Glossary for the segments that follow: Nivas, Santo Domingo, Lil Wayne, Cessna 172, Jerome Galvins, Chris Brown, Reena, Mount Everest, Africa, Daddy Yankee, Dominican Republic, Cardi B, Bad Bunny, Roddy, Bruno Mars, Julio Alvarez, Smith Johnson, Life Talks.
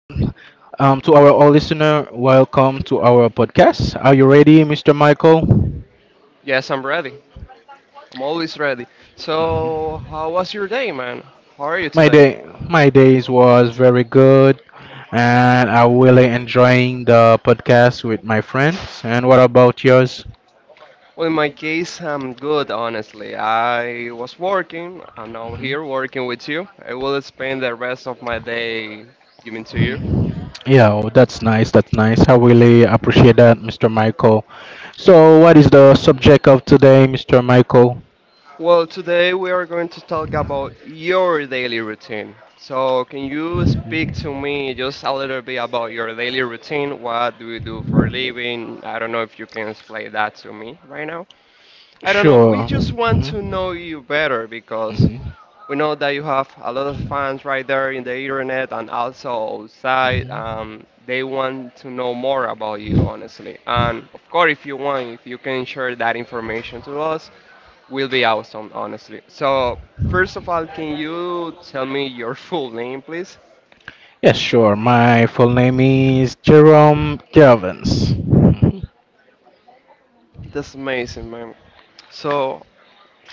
To our all listener, welcome to our podcast. Are you ready, Mr. Michael? Yes, I'm ready. I'm always ready. So, how was your day, man? How are you My today? day, my days was very good, and I really enjoying the podcast with my friends. And what about yours? Well, in my case, I'm good, honestly. I was working. I'm now Mhm. here working with you. I will spend the rest of my day giving to you. Yeah, oh, that's nice. That's nice. I really appreciate that, Mr. Michael. So, what is the subject of today, Mr. Michael? Well, today we are going to talk about your daily routine. So, can you speak to me just a little bit about your daily routine? What do you do for a living? I don't know if you can explain that to me right now. I don't know. We Sure. just want to Mhm. know you better because Mhm. we know that you have a lot of fans right there in the internet and also outside. Mhm. They want to know more about you, honestly. And of course, if you want, if you can share that information to us, we'll be awesome, honestly. So, first of all, can you tell me your full name, please? Yes, sure. My full name is Jerome Galvins. That's amazing, man. So,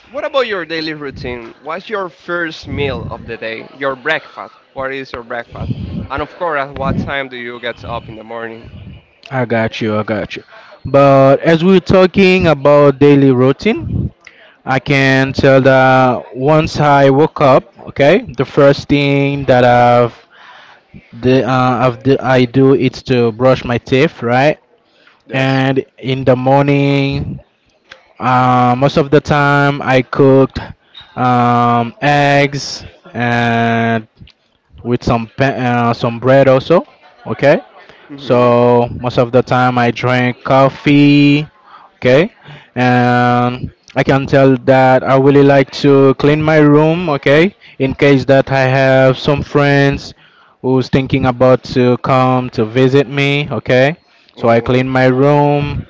what about your daily routine? What's your first meal of the day? Your breakfast. What is your breakfast? And of course, at what time do you get up in the morning? I got you. But as we're talking about daily routine, I can tell that once I woke up, okay, the first thing that I do is to brush my teeth, right? Yes. And in the morning, most of the time I cooked eggs and with some some bread also. Okay, Mhm. so most of the time I drink coffee. Okay, and I can tell that I really like to clean my room. Okay, in case that I have some friends who's thinking about to come to visit me. Okay, so I Mhm. clean my room.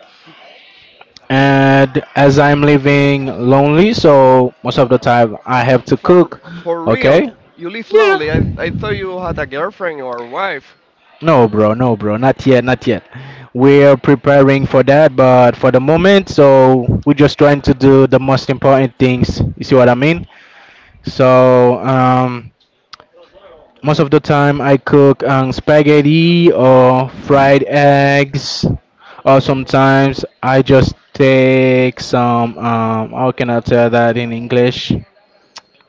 And as I'm living lonely, so most of the time I have to For cook. for real, Okay, you live lonely. yeah. I thought you had a girlfriend or wife. No, bro, not yet. We're preparing for that, but for the moment, so we're just trying to do the most important things. You see what I mean? So, um, Most of the time I cook spaghetti or fried eggs, or Mm-hmm. sometimes I just take some, how can I tell that in English?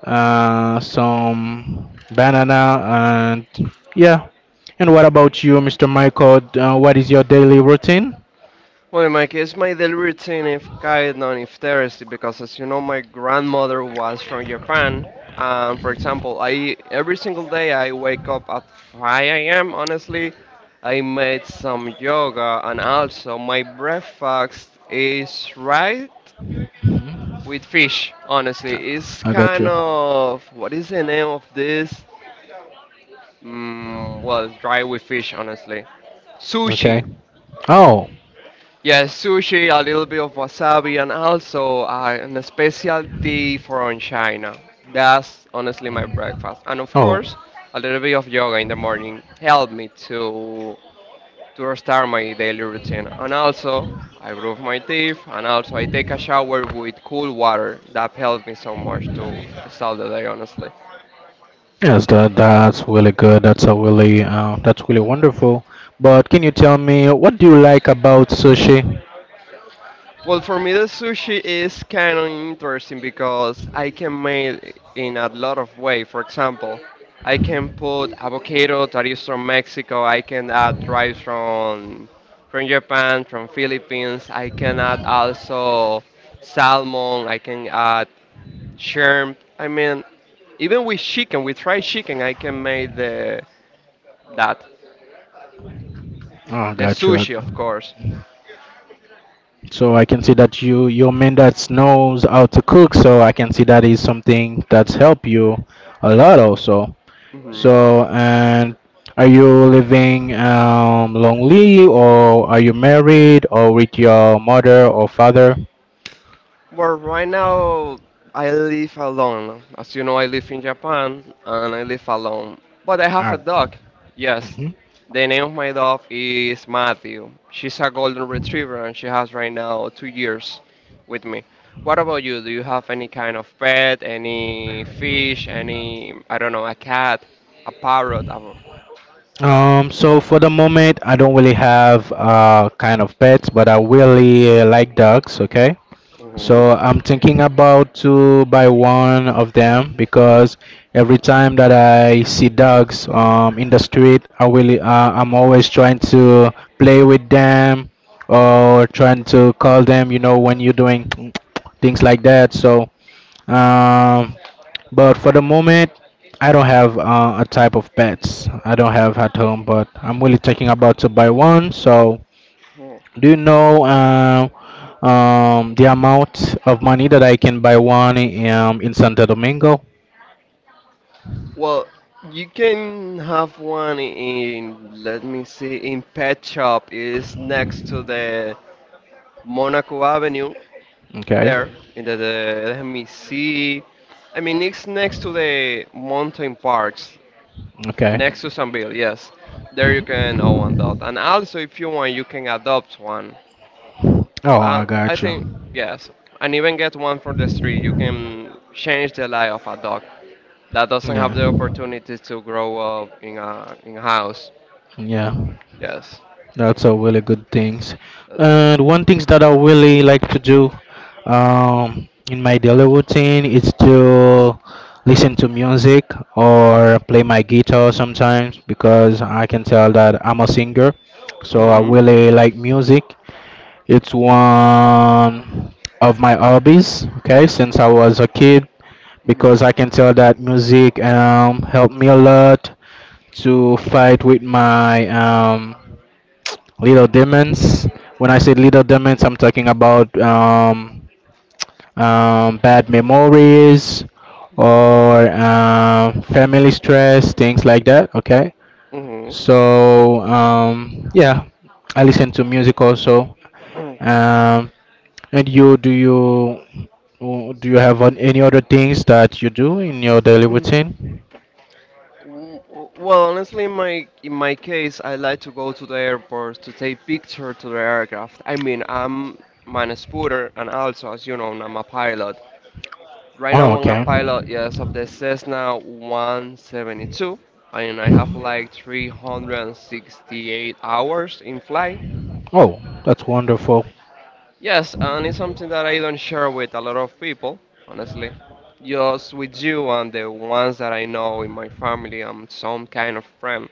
Some banana, and yeah. And what about you, Mr. Michael? What is your daily routine? Well, Mike, it's my daily routine if kind of interesting because, as you know, my grandmother was from Japan, and for example, I every single day I wake up at 5 a.m. Honestly, I made some yoga, and also my breakfast is right with fish. Honestly, it's I got kind you. of what is the name of this? Mm, well, dry with fish. Honestly, Okay. sushi. Oh, Yeah, sushi, a little bit of wasabi, and also an specialty from China. That's honestly my breakfast. And of oh, course, a little bit of yoga in the morning helped me to start my daily routine. And also, I brush my teeth, and also I take a shower with cool water. That helped me so much to start the day, honestly. yes. That's really good. That's really wonderful. But can you tell me what do you like about sushi? Well, for me, the sushi is kind of interesting because I can make it in a lot of way. For example, I can put avocado that is from Mexico. I can add rice from Japan, from Philippines. I can add also salmon. I can add shrimp. I mean, even with chicken, with fried chicken, I can make the that Oh, the got you. sushi, of course. So I can see that you're a man that knows how to cook. So I can see that is something that's helped you a lot also. Hmm. So, and are you living lonely, or are you married, or with your mother or father? Well, right now I live alone. As you know, I live in Japan and I live alone. But I have a Ah, dog. Yes. mhm. The name of my dog is Matthew. She's a golden retriever and she has right now 2 years with me. What about you? Do you have any kind of pet, any fish, any, I don't know, a cat, a parrot? A... So for the moment, I don't really have kind of pets, but I really like dogs. Okay, Mm-hmm. so I'm thinking about to buy one of them because every time that I see dogs in the street, I'm always trying to play with them or trying to call them. You know when you're doing things like that. Um, but for the moment, I don't have a type of pets. I don't have at home, but I'm really thinking about to buy one. So Mm-hmm. do you know the amount of money that I can buy one in Santo Domingo? Well, you can have one in, let me see, in Pet Shop. It's next to the Monaco Avenue Okay. there. Hmm. In let me see. I mean, it's next to the mountain parks, Okay. next to Sanville, yes. There you can own that. And also, if you want, you can adopt one. Oh, I I got you. think, yes. And even get one from the street. You can change the life of a dog that doesn't have Yeah. the opportunity to grow up in a house. Yeah. Yes. That's a really good things. Yes. And one things that I really like to do in my daily routine is to listen to music or play my guitar sometimes because I can tell that I'm a singer. So I Mhm. really like music. It's one of my hobbies, okay, since I was a kid Mhm. because I can tell that music helped me a lot to fight with my little demons. When I say little demons, I'm talking about bad memories or family stress, things like that. Okay. Mhm. So yeah, I listen to music also. Mm. Um, and you, do you do you have any other things that you do in your daily Mm. routine? Well, honestly, in my case, I like to go to the airport to take picture to the aircraft. I mean, I'm man a spooter, and also, as you know, I'm a pilot. Right Oh, now, I'm a okay. pilot, yes, of the Cessna 172, and I have Mhm. like 368 hours in flight. Oh, that's wonderful. Yes, and it's something that I don't share with a lot of people, honestly. Just with you and the ones that I know in my family and some kind of friend.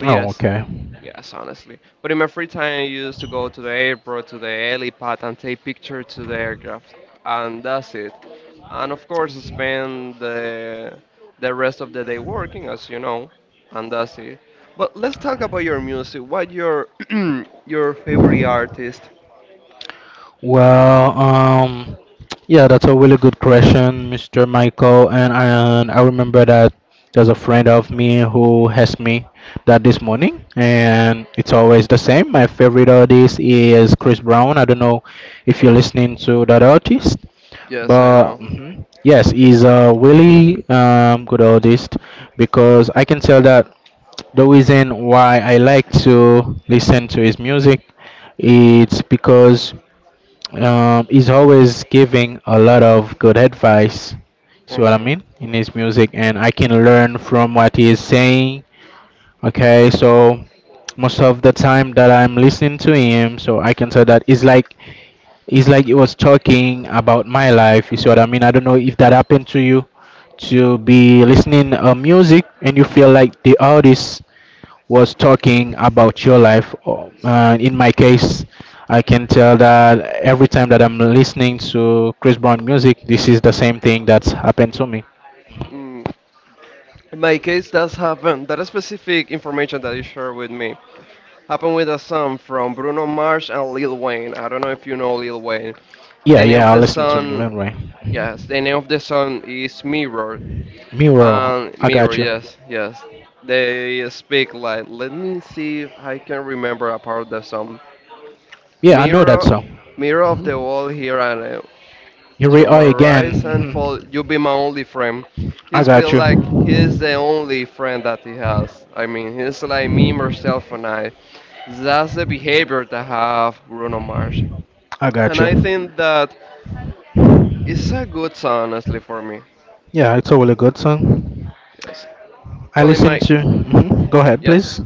But Oh, yes, okay. yes, honestly. But in my free time, I used to go to the airport, to the helipad, and take pictures to the aircraft, and that's it. And of course, spend the rest of the day working, as you know, and that's it. But let's talk about your music. What your your favorite artist? Well, yeah, that's a really good question, Mr. Michael. And I remember that there's a friend of me who has me that this morning, and it's always the same. My favorite artist is Chris Brown. I don't know if you're listening to that artist, Yes, I but know. mhm, yes, he's a really good artist because I can tell that the reason why I like to listen to his music it's because he's always giving a lot of good advice. See what I Uh, mean in his music, and I can learn from what he is saying. Okay, so most of the time that I'm listening to him, so I can say that it's like he was talking about my life. You see what I mean? I don't know if that happened to you, to be listening music and you feel like the artist was talking about your life. Oh, in my case, I can tell that every time that I'm listening to Chris Brown music, this is the same thing that's happened to me. mm. In my case, that's happened. That specific information that you shared with me happened with a song from Bruno Mars and Lil Wayne. I don't know if you know Lil Wayne. Yeah, The name yeah, of I the listen to song, Mulan Ray. yes, the name of the song is Mirror. Miro, And I Mirror, got you. yes, yes. They speak like, let me see if I can remember a part of the song. Yeah, I know that Mirror, song. mirror of the wall here and You we from are my again. rise and Hmm. fall, you be my only friend. I He's got been you. like he's the only friend that he has. I mean, he's like me, myself, and I. That's the behavior that have Bruno Mars, I got and you. I think that it's a good song, honestly, for me. Yeah, it's a really good song. Yes. I Well, in listen my to. Mhm. Go ahead, yeah. please.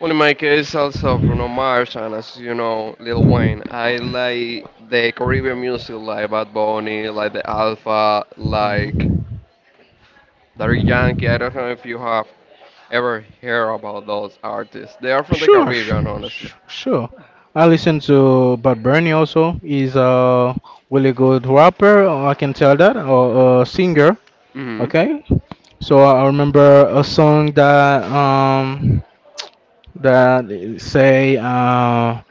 Well, in my case, also Bruno Mars and as you know, Lil Wayne. I like the Caribbean music, like Bad Bunny, like the Alpha, like Hmm. Daddy Yankee. I don't know if you have ever hear about those artists. They are from the Sure, sh- Caribbean, honestly. sure. I listen to Bad Bunny also. He's a really good rapper, I can tell that, or a singer. Hmm. Okay. So I remember a song that that say uh,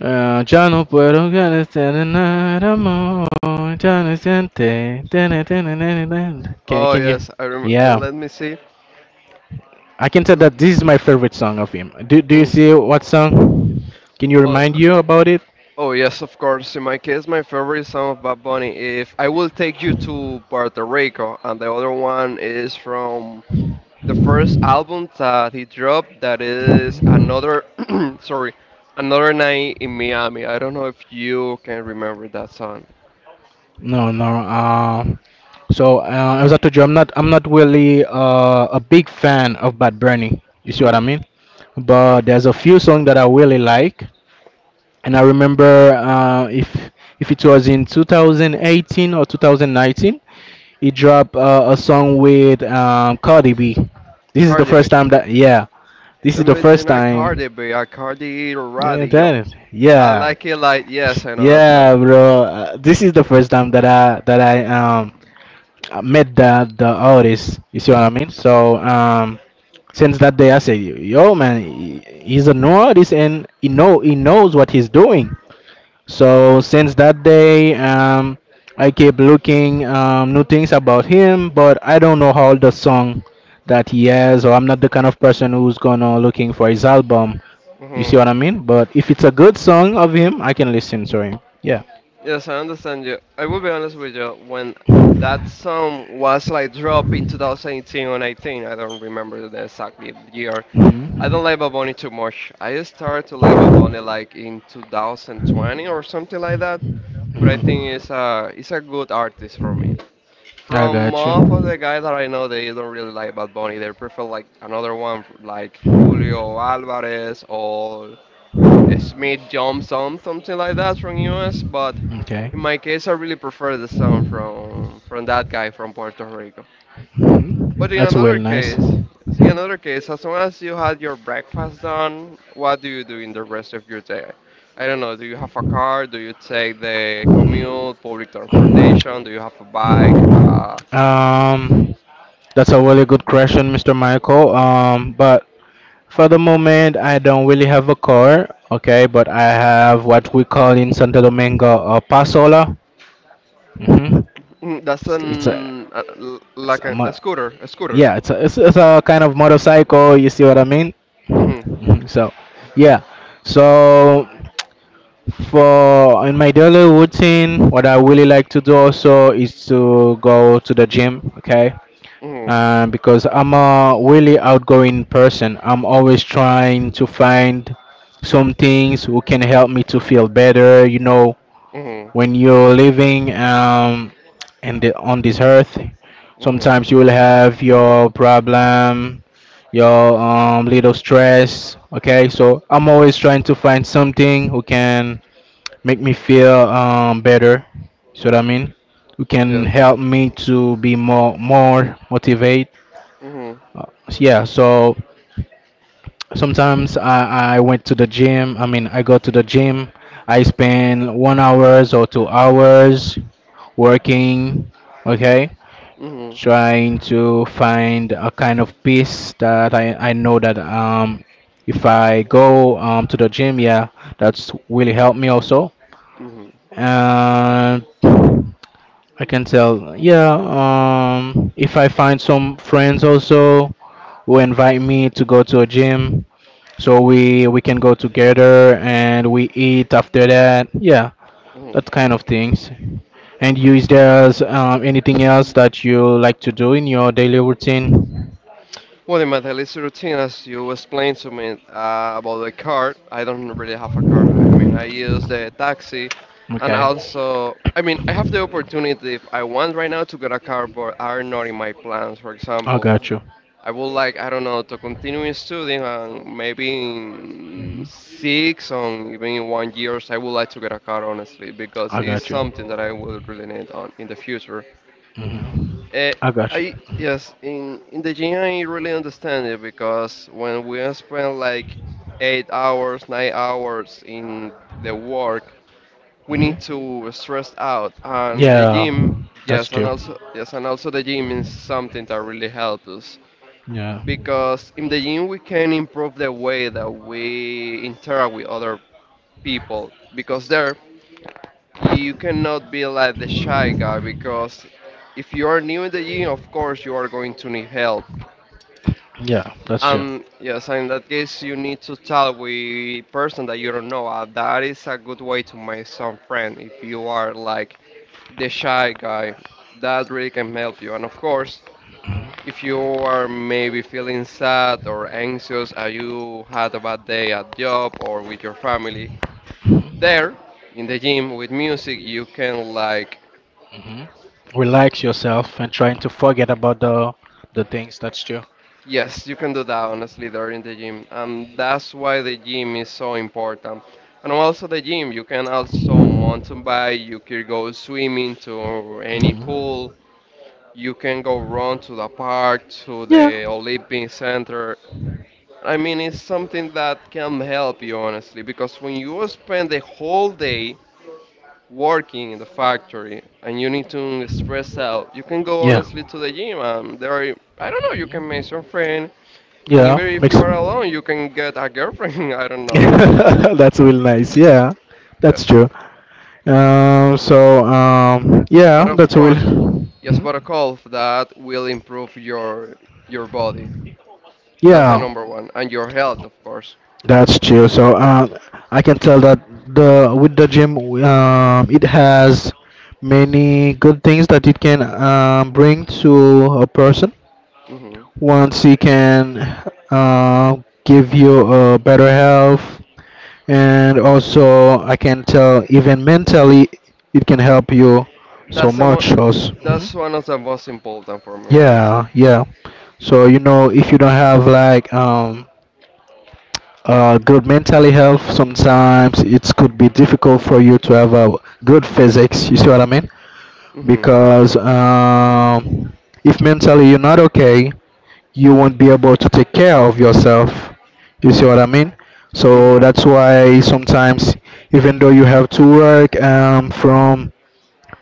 uh ya no puedo estar en nada more, ya no siente, tene, tene, tene, tene." Can Oh can you? yes, I remember. Yeah. Let me see. I can tell L- that this is my favorite song of him. Do you mm, see what song? Can you Well, remind you about it? oh yes, of course. In my case, my favorite song of Bad Bunny. If I will take you to Puerto Rico, and the other one is from the first album that he dropped. That is another, sorry, another night in Miami. I don't know if you can remember that song. No, no. As I told you, I'm not really a big fan of Bad Bunny. You see what I Mm. mean? Uh, But there's a few songs that I really like, and I remember if it was in 2018 or 2019, he dropped a song with Cardi B. This is the Cardi B. first time that yeah, this is Them the bitch is first not time Cardi B, I Cardi or Eh, Roddy, yo. that, I yeah, like it like, yes, I know that song. yeah, bro. This is the first time that I met the artist. You see what I mean? Since that day, I say, yo, man, he's a new artist and he knows what he's doing. So since that day, I keep looking new things about him, but I don't know how the song that he has, or I'm not the kind of person who's gonna looking for his album, you see Hmm. what I mean? But if it's a good song of him, I can listen to him. Yeah. Yes, I understand you. I will be honest with you, when that song was like dropped in 2018 or 19, I don't remember the exactly year. I don't Hmm. like Bad Bunny too much. I started to like Bad Bunny like in 2020 or something like that. But I Hmm. think it's a good artist for me. I From got most of you. the guys that I know, they don't really like Bad Bunny. They prefer like another one like Julio Alvarez or Smith Johnson, something like that from US. But Okay. in Hmm. my case, I really prefer the song from that guy from Puerto Rico. But That's really nice. In another case, as long as you had your breakfast done, what do you do in the rest of your day? I don't know. Do you have a car? Do you take the commute, public transportation? Do you have a bike? Um, that's a really good question, Mr. Michael. But for the moment, I don't really have a car, okay, but I have what we call in Santo Domingo a pasola. Hmm. Mm, that's It's, it's a, an it's like a, a mo- scooter, a scooter. yeah, it's a, it's, it's a kind of motorcycle. You see what I mean? Mhm. Mhm. Yeah. So, for in my daily routine, what I really like to do also is to go to the gym, okay, Mhm. and because I'm a really outgoing person, I'm always trying to find some things who can help me to feel better. You know, Mhm. when you're living in the, on this earth, Mhm. sometimes you will have your problem, your little stress. Okay, so I'm always trying to find something who can make me feel better. So what I mean? Who Yeah. can help me to be more motivated, Mhm. uh, yeah, so sometimes I went to the gym. I mean, I go to the gym. I spend 1 hours or 2 hours working, okay, Mhm. trying to find a kind of peace that I know that if I go to the gym, yeah, that's really help me also. Mhm. And I can tell, yeah, if I find some friends also who invite me to go to a gym, so we can go together and we eat after that. Yeah, Mhm. that kind of things. And you, is there anything else that you like to do in your daily routine? Well, in my daily routine, as you explained to me about the car, I don't really have a car. I mean, I use the taxi, and Okay, also, I mean, I have the opportunity if I want right now to get a car, but are not in my plans. For I example, got you. I would like, I don't know, to continue studying and maybe Hmm. in six or even in 1 years, I would like to get a car, honestly, because I it's got you. something that I will really need on in the future. Hmm. Uh, I got you. I yes, in the gym I really understand it because when we spend like 8 hours, 9 hours in the work, we Hmm. need to stress out, and the Yeah, gym, that's true. Yes, and also the gym is something that really helps us Yeah, because in the gym we can improve the way that we interact with other people because there you cannot be like the shy guy because if you are new in the gym of course you are going to need help yeah, that's true. and yes in that case you need to talk with person that you don't know that is a good way to make some friend if you are like the shy guy that really can help you and of course if you are maybe feeling sad or anxious, or you had a bad day at job or with your family, there in the gym with music, you can like, Hmm. Relax yourself and trying to forget about the things. That's true. yes, you can do that honestly there in the gym. And that's why the gym is so important. And also the gym, you can also mountain bike, you can go swimming to any pool, you can go run to the park, to Yeah. the Olympic Center. I mean, it's something that can help you, honestly, because when you spend the whole day working in the factory and you need to stress out, you can go Yeah. honestly to the gym. And there are, I don't know, you can make some friend, and Yeah. even if Makes. you are alone, you can get a girlfriend. I don't know there. That's real nice. Yeah, that's Yes, true. But Yeah, of that's real. course, yes, Mhm. but a golf that will improve your body. That's the Yeah, number one, and your health, of course. that's true. So I can tell that the with the gym, it has many good things that it can bring to a person. hmm Once he can uh, give you a better health, and also I can tell even mentally it can help you so That's the mo- much. Also. Mhm. that's one of the most important for me, honestly. Yeah, yeah. So you know, if you don't have like good mentally health, sometimes it could be difficult for you to have a good physics. You see what I mean? Hmm. Because if mentally you're not okay, you won't be able to take care of yourself. You see what I mean? So Mm-hmm. that's why sometimes, even though you have to work from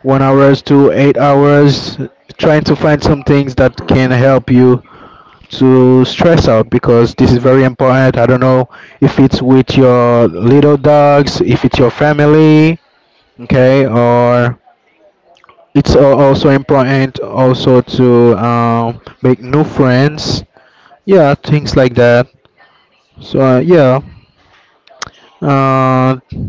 1 hours to 8 hours, trying to find some things that can help you to stress out because this is very important. I don't know if it's with your little dogs, if it's your family, okay, or also important also to make new friends, yeah, things like that. So I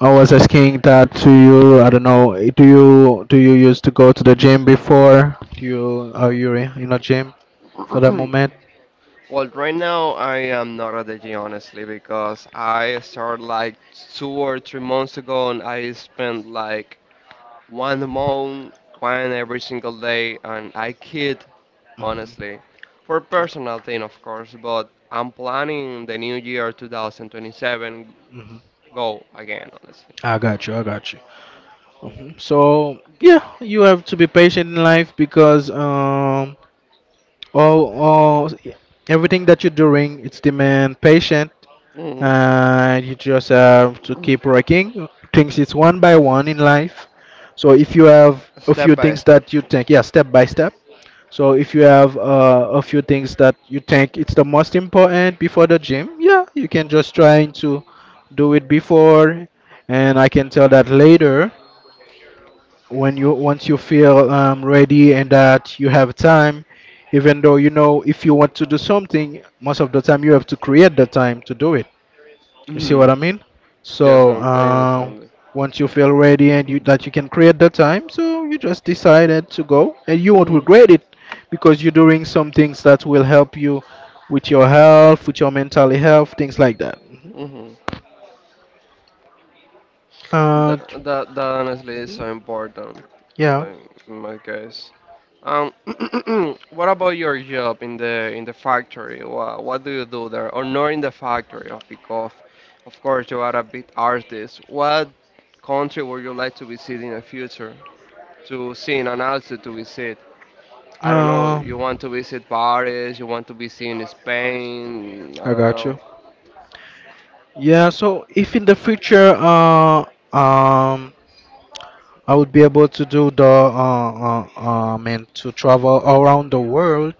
was asking that to you. I don't know. Do you used to go to the gym before? Do you, are you in a gym for the Mm-hmm. moment? Well, right now I am not at the honestly because I started like 2 or 3 months ago and I spent like one month, one every single day, and I quit honestly for personal thing of course, but I'm planning the new year 2027 Hmm. go again honestly. I got you. I got you. Hmm. So yeah, you have to be patient in life because all everything that you're doing, it's demand patience, hmm and you just have to keep working things. It's one by one in life. So if you have a few Step by things step. that you think, yeah, step by step. So if you have a few things that you think it's the most important before the gym, yeah, you can just try to do it before, and I can tell that later, when you, once you feel ready and that you have time, even though, you know, if you want to do something, most of the time you have to create the time to do it. You see Mm-hmm. what I mean? Yes, So I understand. once you feel ready and you that you can create the time, so you just decided to go, and you won't Mm-hmm. regret it because you're doing some things that will help you with your health, with your mental health, things like that. Mhm. Mm-hmm. Uh, That honestly is mhm. so important Yeah. uh, in my case. Um, what about your job in the factory? What do you do there? Or not in the factory, of because of course you are a bit artist. What country would you like to visit in the future? To see and also to visit. I don't know. Uh, You want to visit Paris? You want to be seen in Spain? I I don't got know. you. Yeah. So if in the future, um, I would be able to do the I mean to travel around the world.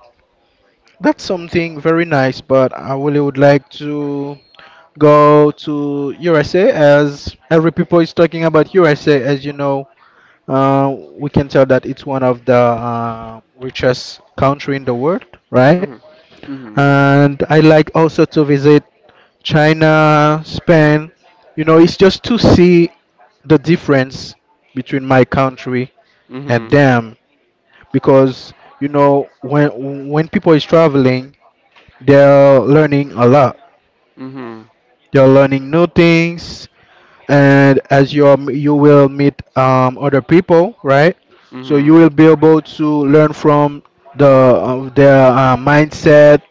That's something very nice, but I really would like to go to USA, as every people is talking about USA. As you know, we can tell that it's one of the richest country in the world, right? Mhm. Mhm. And I like also to visit China, Spain. You know, it's just to see the difference between my country and Mhm. them because, you know, when people is traveling, they're learning a lot. Mhm. You're learning new things, and as you are, you will meet other people, right? So you Mhm. will be able to learn from their mindset,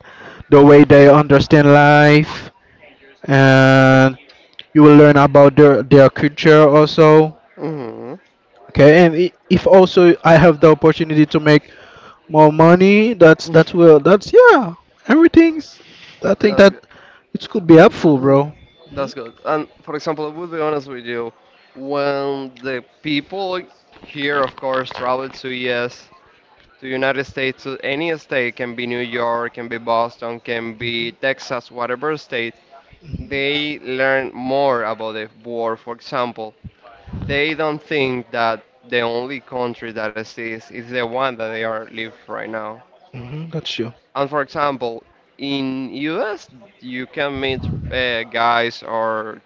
the way they understand life, and you will learn about their culture also. Mhm. Okay, and if also I have the opportunity to make more money, that's that's will that's yeah, everything's. I think That's that it could be helpful, good. bro. Hmm. That's good. And for example, I would be honest with you, when the people here, of course, travel to US, to United States, to any state, can be New York, can be Boston, can be Texas, whatever state, they learn more about the war. For example, they don't think that the only country that exists is the one that they are live right now. Hmm. That's true. And for example, in US, you can meet guys or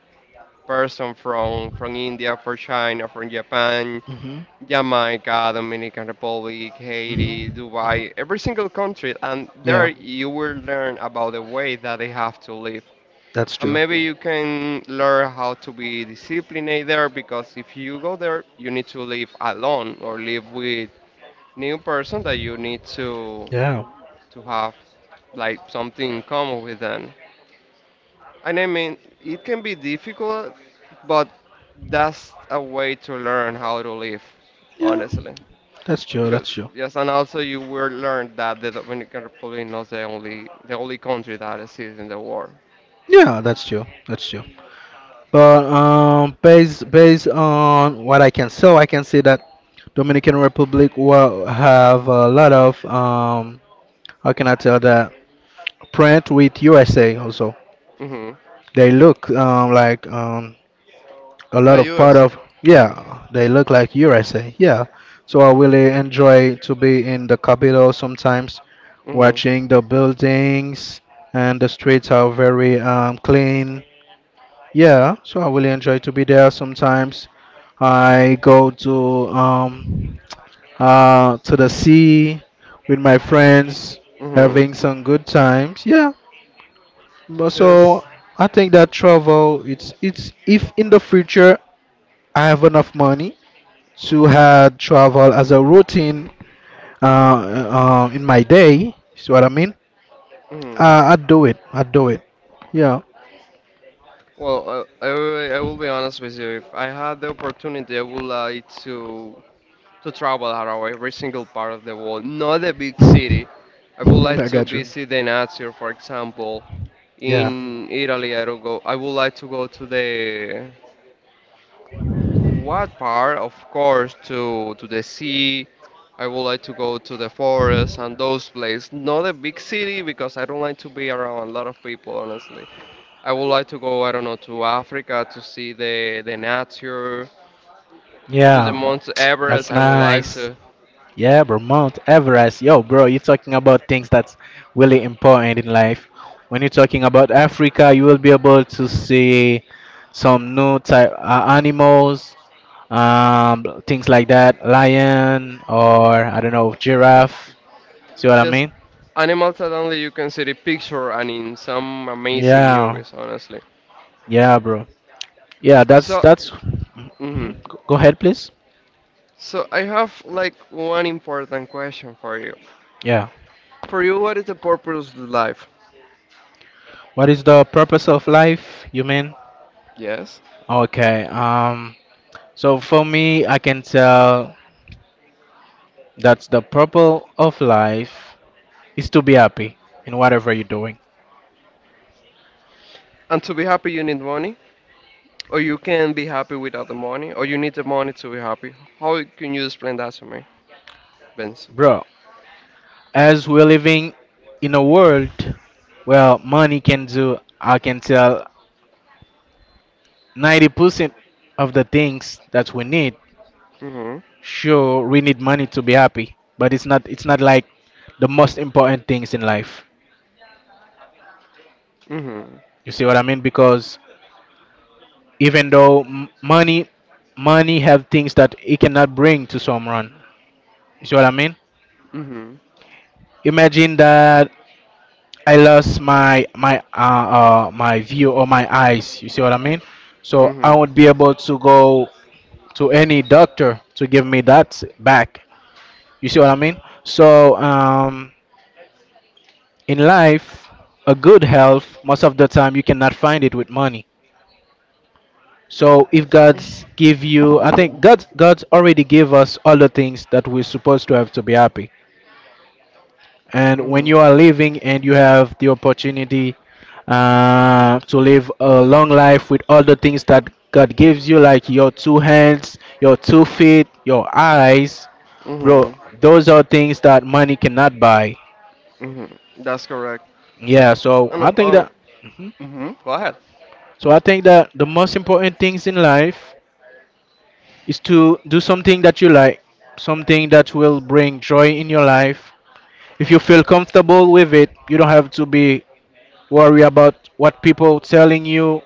person from India, from China, from Japan, Mm-hmm. Jamaica, Dominican Republic, Mm-hmm. Haiti, Hmm. Dubai, every single country, and there Yeah, you will learn about the way that they have to live. that's And true. maybe you can learn how to be disciplined there because if you go there, you need to live alone or live with new person that you need to Yeah. to have like something in common with them. And I mean, it can be difficult, but that's a way to learn how to live, Yeah. honestly. That's true. Because That's true. yes, and also you will learn that the Dominican Republic not the only country that exists in the world. Yeah, that's true. That's true. But based on what I can, so I can say that Dominican Republic will have a lot of how can I tell that, print with USA also. Mhm. They look like a lot Like of part US. of, yeah, they look like USA, yeah. So I really enjoy to be in the capital sometimes, Mhm. watching the buildings, and the streets are very clean. Yeah, so I really enjoy to be there sometimes. I go to the sea with my friends, Mhm. having some good times, yeah. But Yes. so I think that travel it's, if in the future I have enough money to Mhm. had travel as a routine, in my day. See what I mean? Mhm. I'd do it. I'd do it. Yeah. Well, I will be honest with you. If I had the opportunity, I would like To. Travel around every single part of the world, not a big city. I would like I to got you. visit the Nazio, for example. Yeah, In Italy, I, don't go, I would like to go to the to what part? Of course, to the sea. I would like to go to the forest and those places. Not a big city because I don't like to be around a lot of people, honestly. I would like to go, I don't know, to Africa to see the nature, to the yeah, Mount Everest. that's I would like nice. to. Yeah, bro, Mount Everest. Yo, bro, you're talking about things that's really important in life. When you're talking about Africa, you will be able to see some new type animals, things like that, lion or I don't know, giraffe. See what I Yes, mean? animals that only you can see the picture and in some amazing Yeah, movies, honestly. yeah, bro. Yeah, that's So, that's. mhm. Mhm. Go ahead, please. so I have like one important question for you. Yeah. For you, what is the purpose of life? What is the purpose of life, you mean? Yes. Okay. So for me, I can tell that the purpose of life is to be happy in whatever you're doing, And to be happy, you need money, or you can be happy without the money, or you need the money to be happy. How can you explain that to me, Benson? bro. As we're living in a world where money can do, I can tell 90% of the things that we need. Mhm. Sure, we need money to be happy, but it's not like the most important things in life. Mhm. You see what I mean? Because even though money have things that it cannot bring to someone. You see what I mean? Mhm. Imagine that I lost my view or my eyes. You see what I mean? So I Mhm. won't be able to go to any doctor to give me that back. You see what I mean? So in life, a good health, most of the time you cannot find it with money. So if God's give you, I think God's already give us all the things that we're supposed to have to be happy. And when Mhm. you are living and you have the opportunity to live a long life with all the things that God gives you, like your two hands, your 2 feet, your eyes, bro, Mhm. those are things that money cannot buy. Mhm. That's correct. Yeah. So No. I think that. Mm-hmm. Mhm. Go ahead. So I think that the most important things in life is to do something that you like, something that will bring joy in your life. If you feel comfortable with it, you don't have to be worried about what people telling you,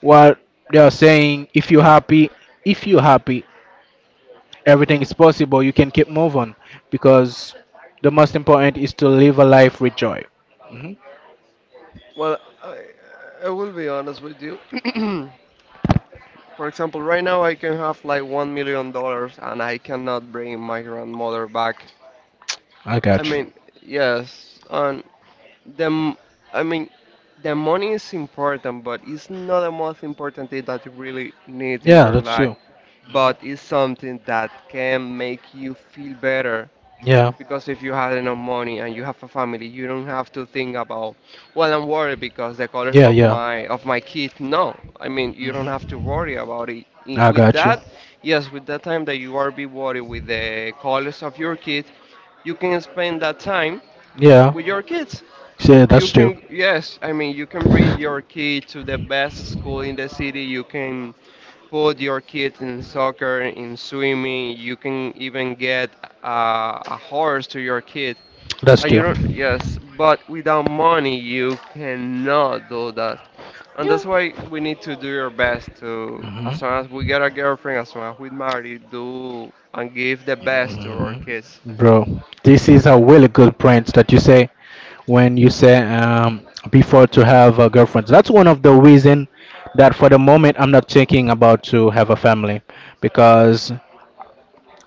what they are saying. If you're happy, everything Mm-hmm. is possible. You can keep moving because the most important is to live a life with joy. Hmm. Well, I, I will be honest with you. For example, right now I can have like $1 million and I cannot bring my grandmother back. I I got you. mean, yes, and the m- I mean, the money is important, but it's not the most important thing that you really need in Yeah, your that's life. you. But it's something that can make you feel better. Yeah, Because if you had enough money and you have a family, you don't have to think about, well, I'm worried because the colors yeah, of yeah. my kid. No, I mean you don't have to Hmm. worry about it. I With got you. that, yes, with that time that you are be worried with the colors of your kid, you can spend that time Yeah. with your kids. Yeah, You that's true. can, yes, I mean you can bring your kid to the best school in the city. You can put your kid in soccer, in swimming. You can even get a horse to your kid That's and you true. don't, yes, but without money, you cannot do that. And that's Yeah. why we need to do your best to, Hmm. as soon as we get a girlfriend, as soon as we marry, do and give the best to our Hmm. kids. Bro, this is a really good point that you say when you say, before to have a girlfriend. That's one of the reason that for the moment I'm not thinking about to have a family because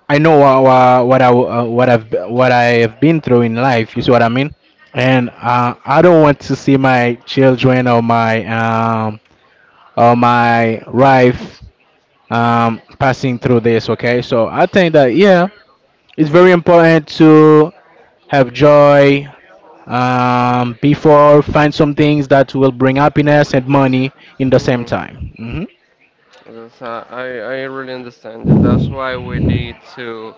I know what I have been through in life. You see what I mean? And I don't want to see my children um, or my wife passing through this. Okay, so I think that yeah, it's hmm very important to have joy, before find some things that will bring happiness and money in the same hmm time. Hmm. I really understand you. That's why we need to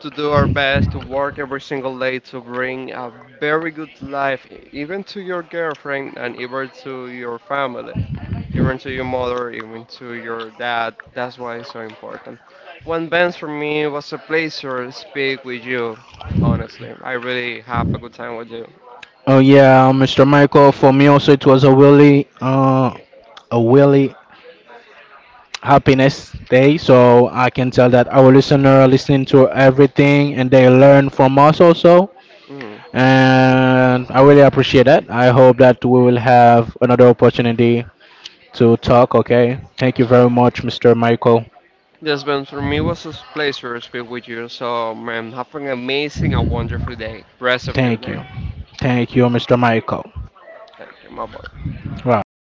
to do our best to work every single day to bring a very good life, even to your girlfriend and even to your family. Even to your mother, even to your dad. That's why it's so important. Well, Benz, for me, it was a pleasure to speak with you. Honestly, I really have a good time with you. Oh yeah, Mr. Michael. For me also, it was a really happiness day. So I can tell that our listener listening to everything and they learn from us also. Mm. And I really appreciate that. I hope that we will have another opportunity to talk, okay? Thank you very much, Mr. Michael. Yes, Ben, for me, it was a pleasure to speak with you. So, man, have an amazing and wonderful day. Rest of your Thank you. day. Thank you, Mr. Michael. Thank you, my boy. Right.